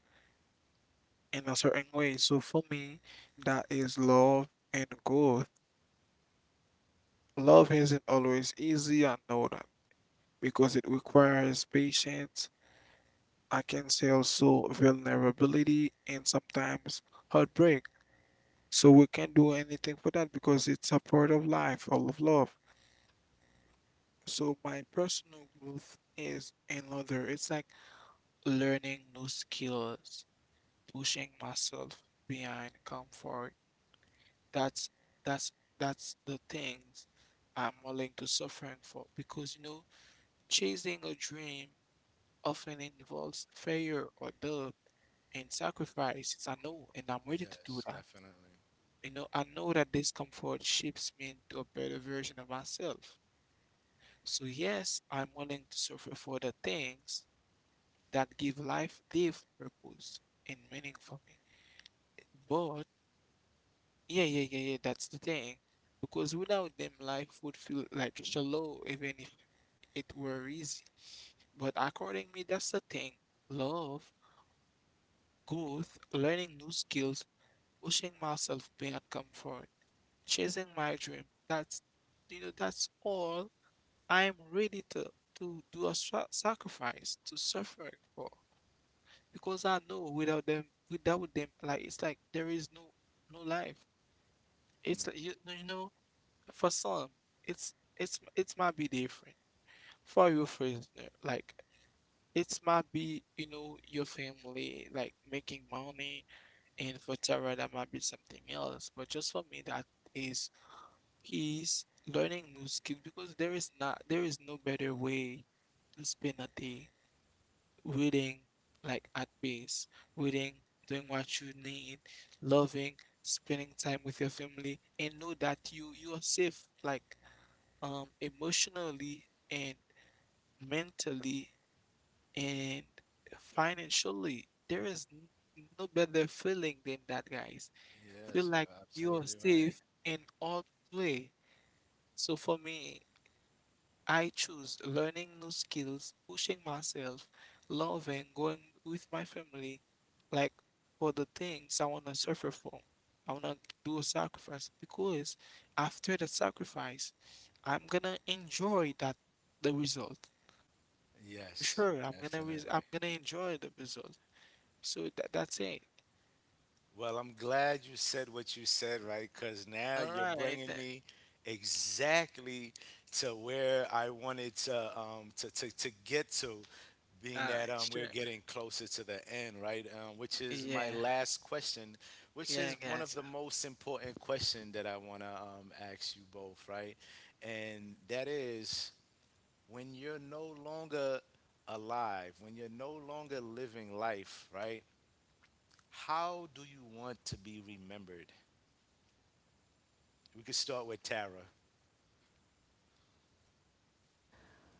S3: in a certain way. So for me, that is love and growth. Love isn't always easy, I know that, because it requires patience. I can say also vulnerability and sometimes heartbreak. So we can't do anything for that because it's a part of life, all of love. So my personal growth is another. It's like learning new skills, pushing myself behind comfort. That's that's that's the things I'm willing to suffering for because you know chasing a dream often involves failure or doubt and sacrifice. It's— I know, and I'm ready to do
S1: Yes,
S3: that.
S1: definitely.
S3: You know, I know that discomfort shapes me into a better version of myself. So yes, I'm willing to suffer for the things that give life, give purpose and meaning for me. But yeah, That's the thing. Because without them, life would feel like shallow, even if it were easy. But according me, that's the thing. Love, growth, learning new skills, pushing myself beyond comfort, chasing my dream. That's all I'm ready to do a sacrifice, to suffer for. Because I know without them, without them, like it's like there is no life. It's
S1: Hmm.
S3: like you know. For some, it's it might be different. For you, for instance, like it might be your family, like making money, and for Tara that might be something else. But just for me, that is he's learning new skills because there is no better way to spend a day reading, like at pace, reading, doing what you need, loving, spending time with your family, and know that you are safe, like emotionally and mentally and financially. There is no better feeling than that, guys. Feel
S1: Yes, you're
S3: like you are
S1: absolutely right.
S3: safe in all way. So for me, I choose learning new skills, pushing myself, loving, going with my family, like for the things I want to suffer for. I want to do a sacrifice because after the sacrifice, I'm gonna enjoy that the result.
S1: Yes,
S3: Sure, I'm gonna res I'm
S1: definitely.
S3: gonna enjoy the result. So that's it.
S1: Well, I'm glad you said what you said, right? Because now
S3: All
S1: you're
S3: right.
S1: bringing me exactly to where I wanted to get to.
S3: All
S1: Being that
S3: right. Sure.
S1: we're getting closer to the end, right? Which is my
S3: Yeah.
S1: last question, which
S3: Yeah,
S1: is one of
S3: guys.
S1: the most important question that I want to ask you both, right? And that is when you're no longer alive, when you're no longer living life, right? How do you want to be remembered? We could start with Tara.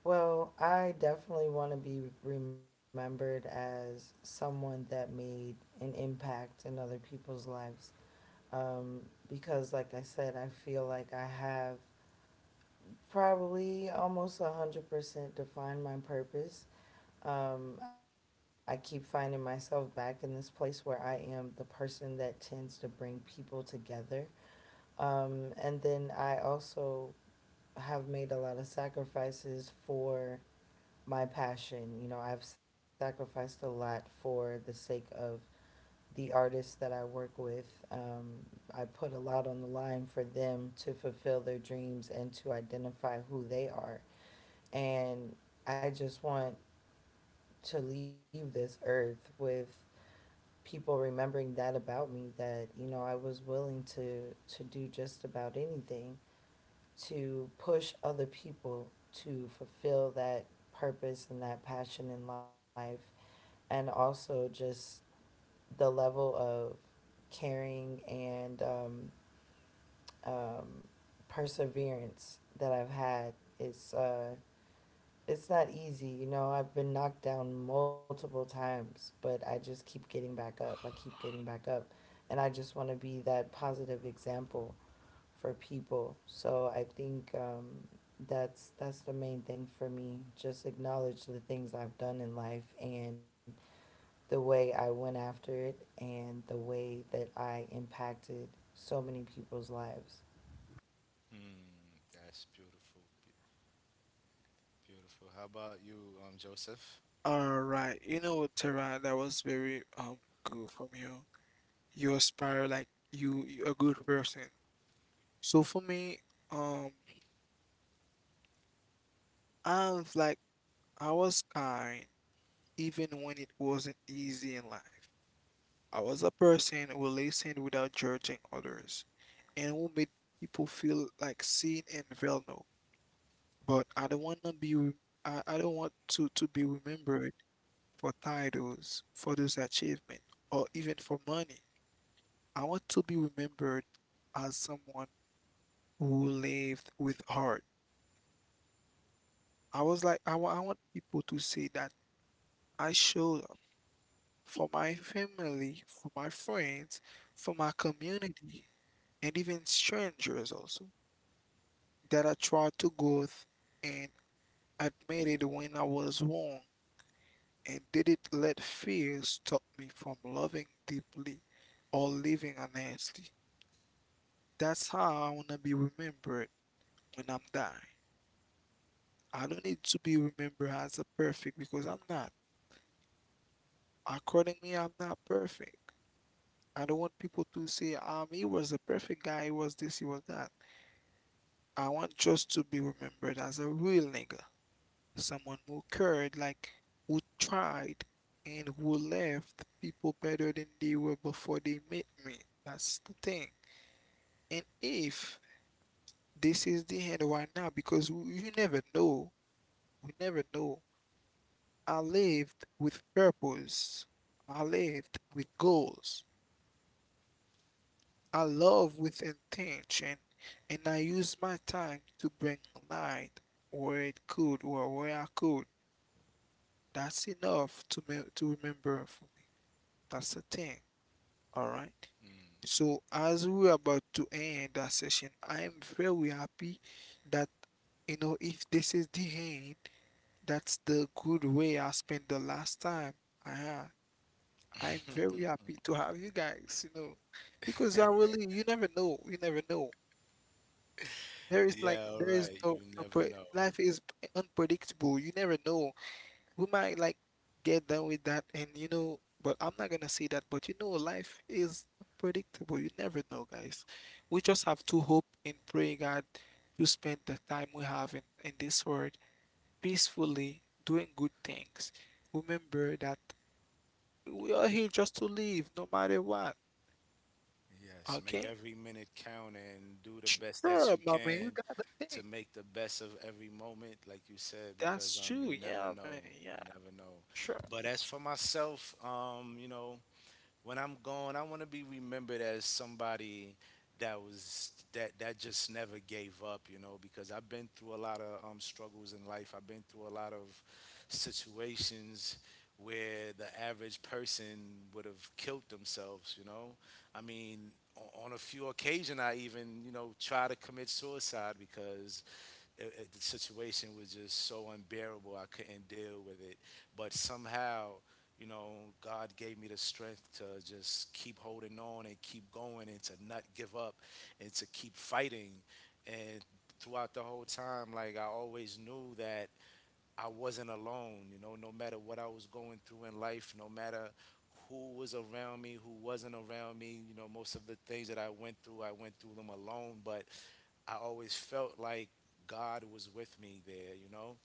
S2: Well, I definitely want to be remembered as someone that made an impact in other people's lives. Um, because, like I said, I feel like I have probably almost 100% defined my purpose. I keep finding myself back in this place where I am the person that tends to bring people together. And then I also have made a lot of sacrifices for my passion. You know, I've sacrificed a lot for the sake of the artists that I work with. Um, I put a lot on the line for them to fulfill their dreams and to identify who they are. And I just want to leave this earth with people remembering that about me, that you know I was willing to do just about anything to push other people to fulfill that purpose and that passion in life, and also just the level of caring and, um, perseverance that I've had. it's uh, it's not easy. You know, I've been knocked down multiple times, but I just keep getting back up. I keep getting back up, and I just want to be that positive example for people. So I think that's the main thing for me. Just acknowledge the things I've done in life and the way I went after it and the way that I impacted so many people's lives.
S1: Hmm, that's beautiful. be- Beautiful. How about you, Joseph?
S3: All right, you know what, Tara, that was very good from you. You aspire, like you a good person. So for me, um, I was like I was kind even when it wasn't easy in life. I was a person who listened without judging others and who made people feel like seen and valued. But I don't want to be remembered for titles, for those achievement, or even for money. I want to be remembered as someone who lived with heart. I was like I wa- I want people to say that I showed up for my family, for my friends, for my community, and even strangers also, that I tried to go th- and admitted when I was wrong. And did it let fear stop me from loving deeply or living honestly? That's how I want to be remembered when I'm dying. I don't need to be remembered as a perfect because I'm not. According me, I'm not perfect. I don't want people to say, he was a perfect guy, he was this, he was that. I want just to be remembered as a real nigga. Someone who cared, like who tried and who left people better than they were before they met me. That's the thing. And if this is the end right now, because you never know, we never know. I lived with purpose. I lived with goals. I love with intention, and I use my time to bring light where it could or where I could. That's enough to remember for me. That's the thing. All right. So as we're about to end that session, I am very happy that, you know, if this is the end, that's the good way I spent the last time I had. I'm very happy to have you guys, you know, because I really you never know, you never know. There is like
S1: Yeah, all
S3: there is
S1: right. You
S3: no
S1: never
S3: pre-
S1: know.
S3: life is unpredictable. You never know, we might like get done with that, and you know, but I'm not gonna say that, but you know, life is unpredictable, you never know, guys. We just have to hope and pray God to spend the time we have in this world peacefully, doing good things. Remember that we are here just to live, no matter what.
S1: Yes, make
S3: Okay.
S1: every minute count and do the best that
S3: Sure,
S1: you
S3: my man, you
S1: can
S3: got the
S1: to
S3: thing.
S1: make the best of every moment, like you said, because
S3: That's
S1: you
S3: true.
S1: never
S3: Yeah, man.
S1: know.
S3: Yeah.
S1: You never know.
S3: Sure.
S1: But as for myself, you know, when I'm gone, I want to be remembered as somebody that was that that just never gave up, you know, because I've been through a lot of struggles in life. I've been through a lot of situations where the average person would have killed themselves, you know. I mean, on a few occasions, I even, you know, try to commit suicide because the situation was just so unbearable. I couldn't deal with it. But somehow, you know, God gave me the strength to just keep holding on and keep going and to not give up and to keep fighting. And throughout the whole time, like I always knew that I wasn't alone, you know, no matter what I was going through in life, no matter who was around me, who wasn't around me. You know, most of the things that I went through them alone, but I always felt like God was with me there, you know?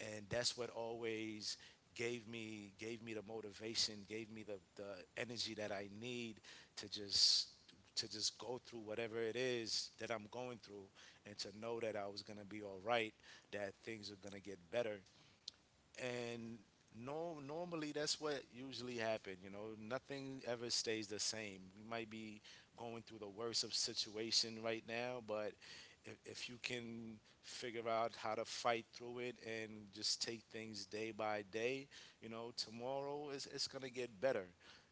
S1: And that's what always gave me the motivation, gave me the energy that I need to just to just go through whatever it is that I'm going through and to know that I was gonna be all right, that things are gonna get better and no normally that's what usually happen, you know, nothing ever stays the same. We might be going through the worst of situation right now but if you can figure out how to fight through it and just take things day by day, you know tomorrow is it's going to get better.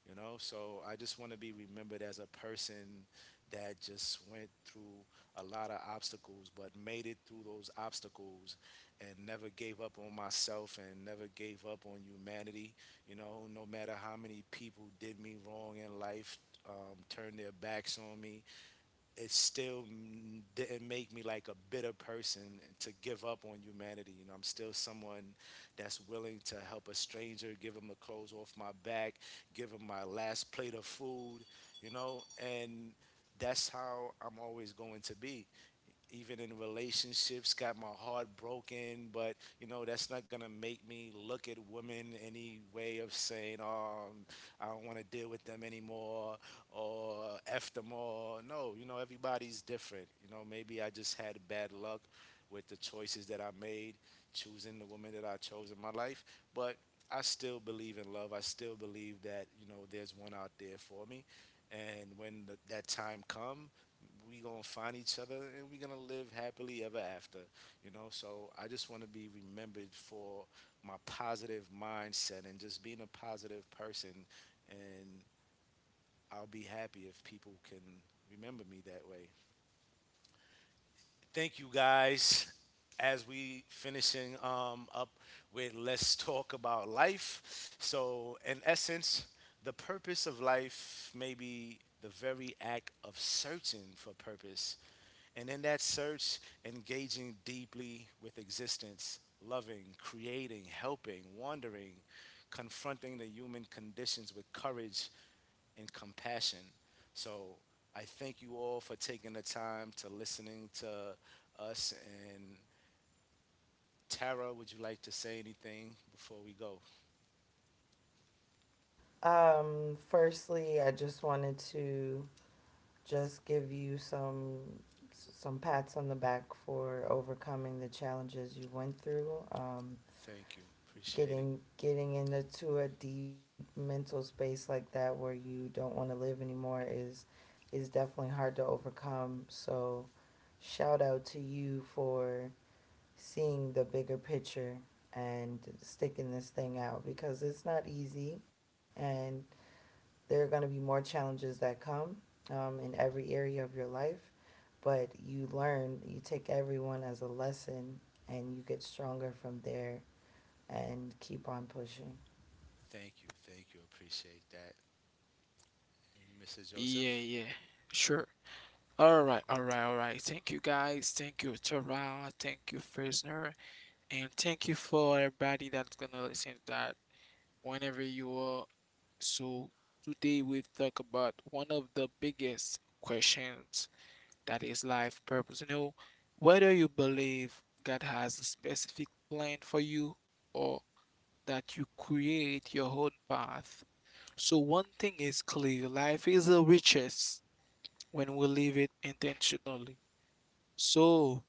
S1: You know, so I just want to be remembered as a person that just went through a lot of obstacles but made it through those obstacles and never gave up on myself and never gave up on humanity. You know, no matter how many people did me wrong in life, turned their backs on me, it still didn't make me like a bitter person to give up on humanity. You know, I'm still someone that's willing to help a stranger, give him the clothes off my back, give him my last plate of food, you know, and that's how I'm always going to be. Even in relationships, got my heart broken, but you know, that's not gonna make me look at women any way of saying, oh, I don't wanna deal with them anymore or F them all. No, you know, everybody's different. You know, maybe I just had bad luck with the choices that I made, choosing the woman that I chose in my life, but I still believe in love. I still believe that, you know, there's one out there for me. And when that time come, we gonna find each other and we gonna live happily ever after. You know, so I just want to be remembered for my positive mindset and just being a positive person, and I'll be happy if people can remember me that way. Thank you guys. As we finishing up with Let's Talk About Life, so in essence the purpose of life may be the very act of searching for purpose. And in that search, engaging deeply with existence, loving, creating, helping, wandering, confronting the human conditions with courage and compassion. So I thank you all for taking the time to listening to us. And Tara, would you like to say anything before we go?
S2: Firstly, I just wanted to just give you some pats on the back for overcoming the challenges you went through.
S1: Thank you. Appreciate it.
S2: Getting into a deep mental space like that where you don't want to live anymore is definitely hard to overcome, so shout out to you for seeing the bigger picture and sticking this thing out, because it's not easy, and there are going to be more challenges that come in every area of your life, but you learn, you take everyone as a lesson, and you get stronger from there and keep on pushing.
S1: Thank you. Thank you. Appreciate that. And Mr.
S3: Yeah.
S1: Joseph?
S3: Yeah. Sure. All right, all right, all right. Thank you, guys. Thank you, Tara. Thank you, Frisner. And thank you for everybody that's gonna listen to that whenever you are. So today we talk about one of the biggest questions, that is life purpose. You know, whether you believe God has a specific plan for you or that you create your own path. So one thing is clear, life is the richest when we live it intentionally. So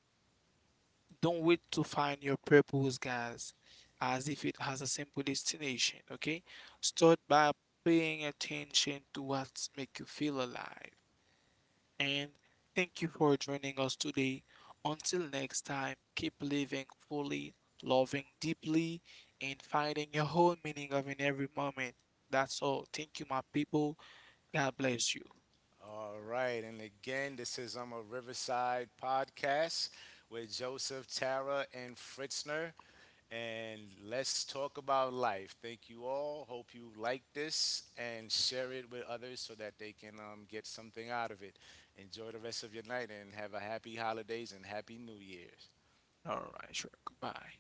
S3: don't wait to find your purpose, guys, as if it has a simple destination, okay? Start by paying attention to what makes you feel alive. And thank you for joining us today. Until next time, keep living fully, loving deeply, and finding your whole meaning of in every moment. That's all. Thank you, my people. God bless you.
S1: All right. And again, this is a Riverside podcast with Joseph, Tara, and Fritzner. And let's talk about life. Thank you all. Hope you like this and share it with others so that they can get something out of it. Enjoy the rest of your night and have a happy holidays and happy New Year's.
S3: All right, sure. Goodbye.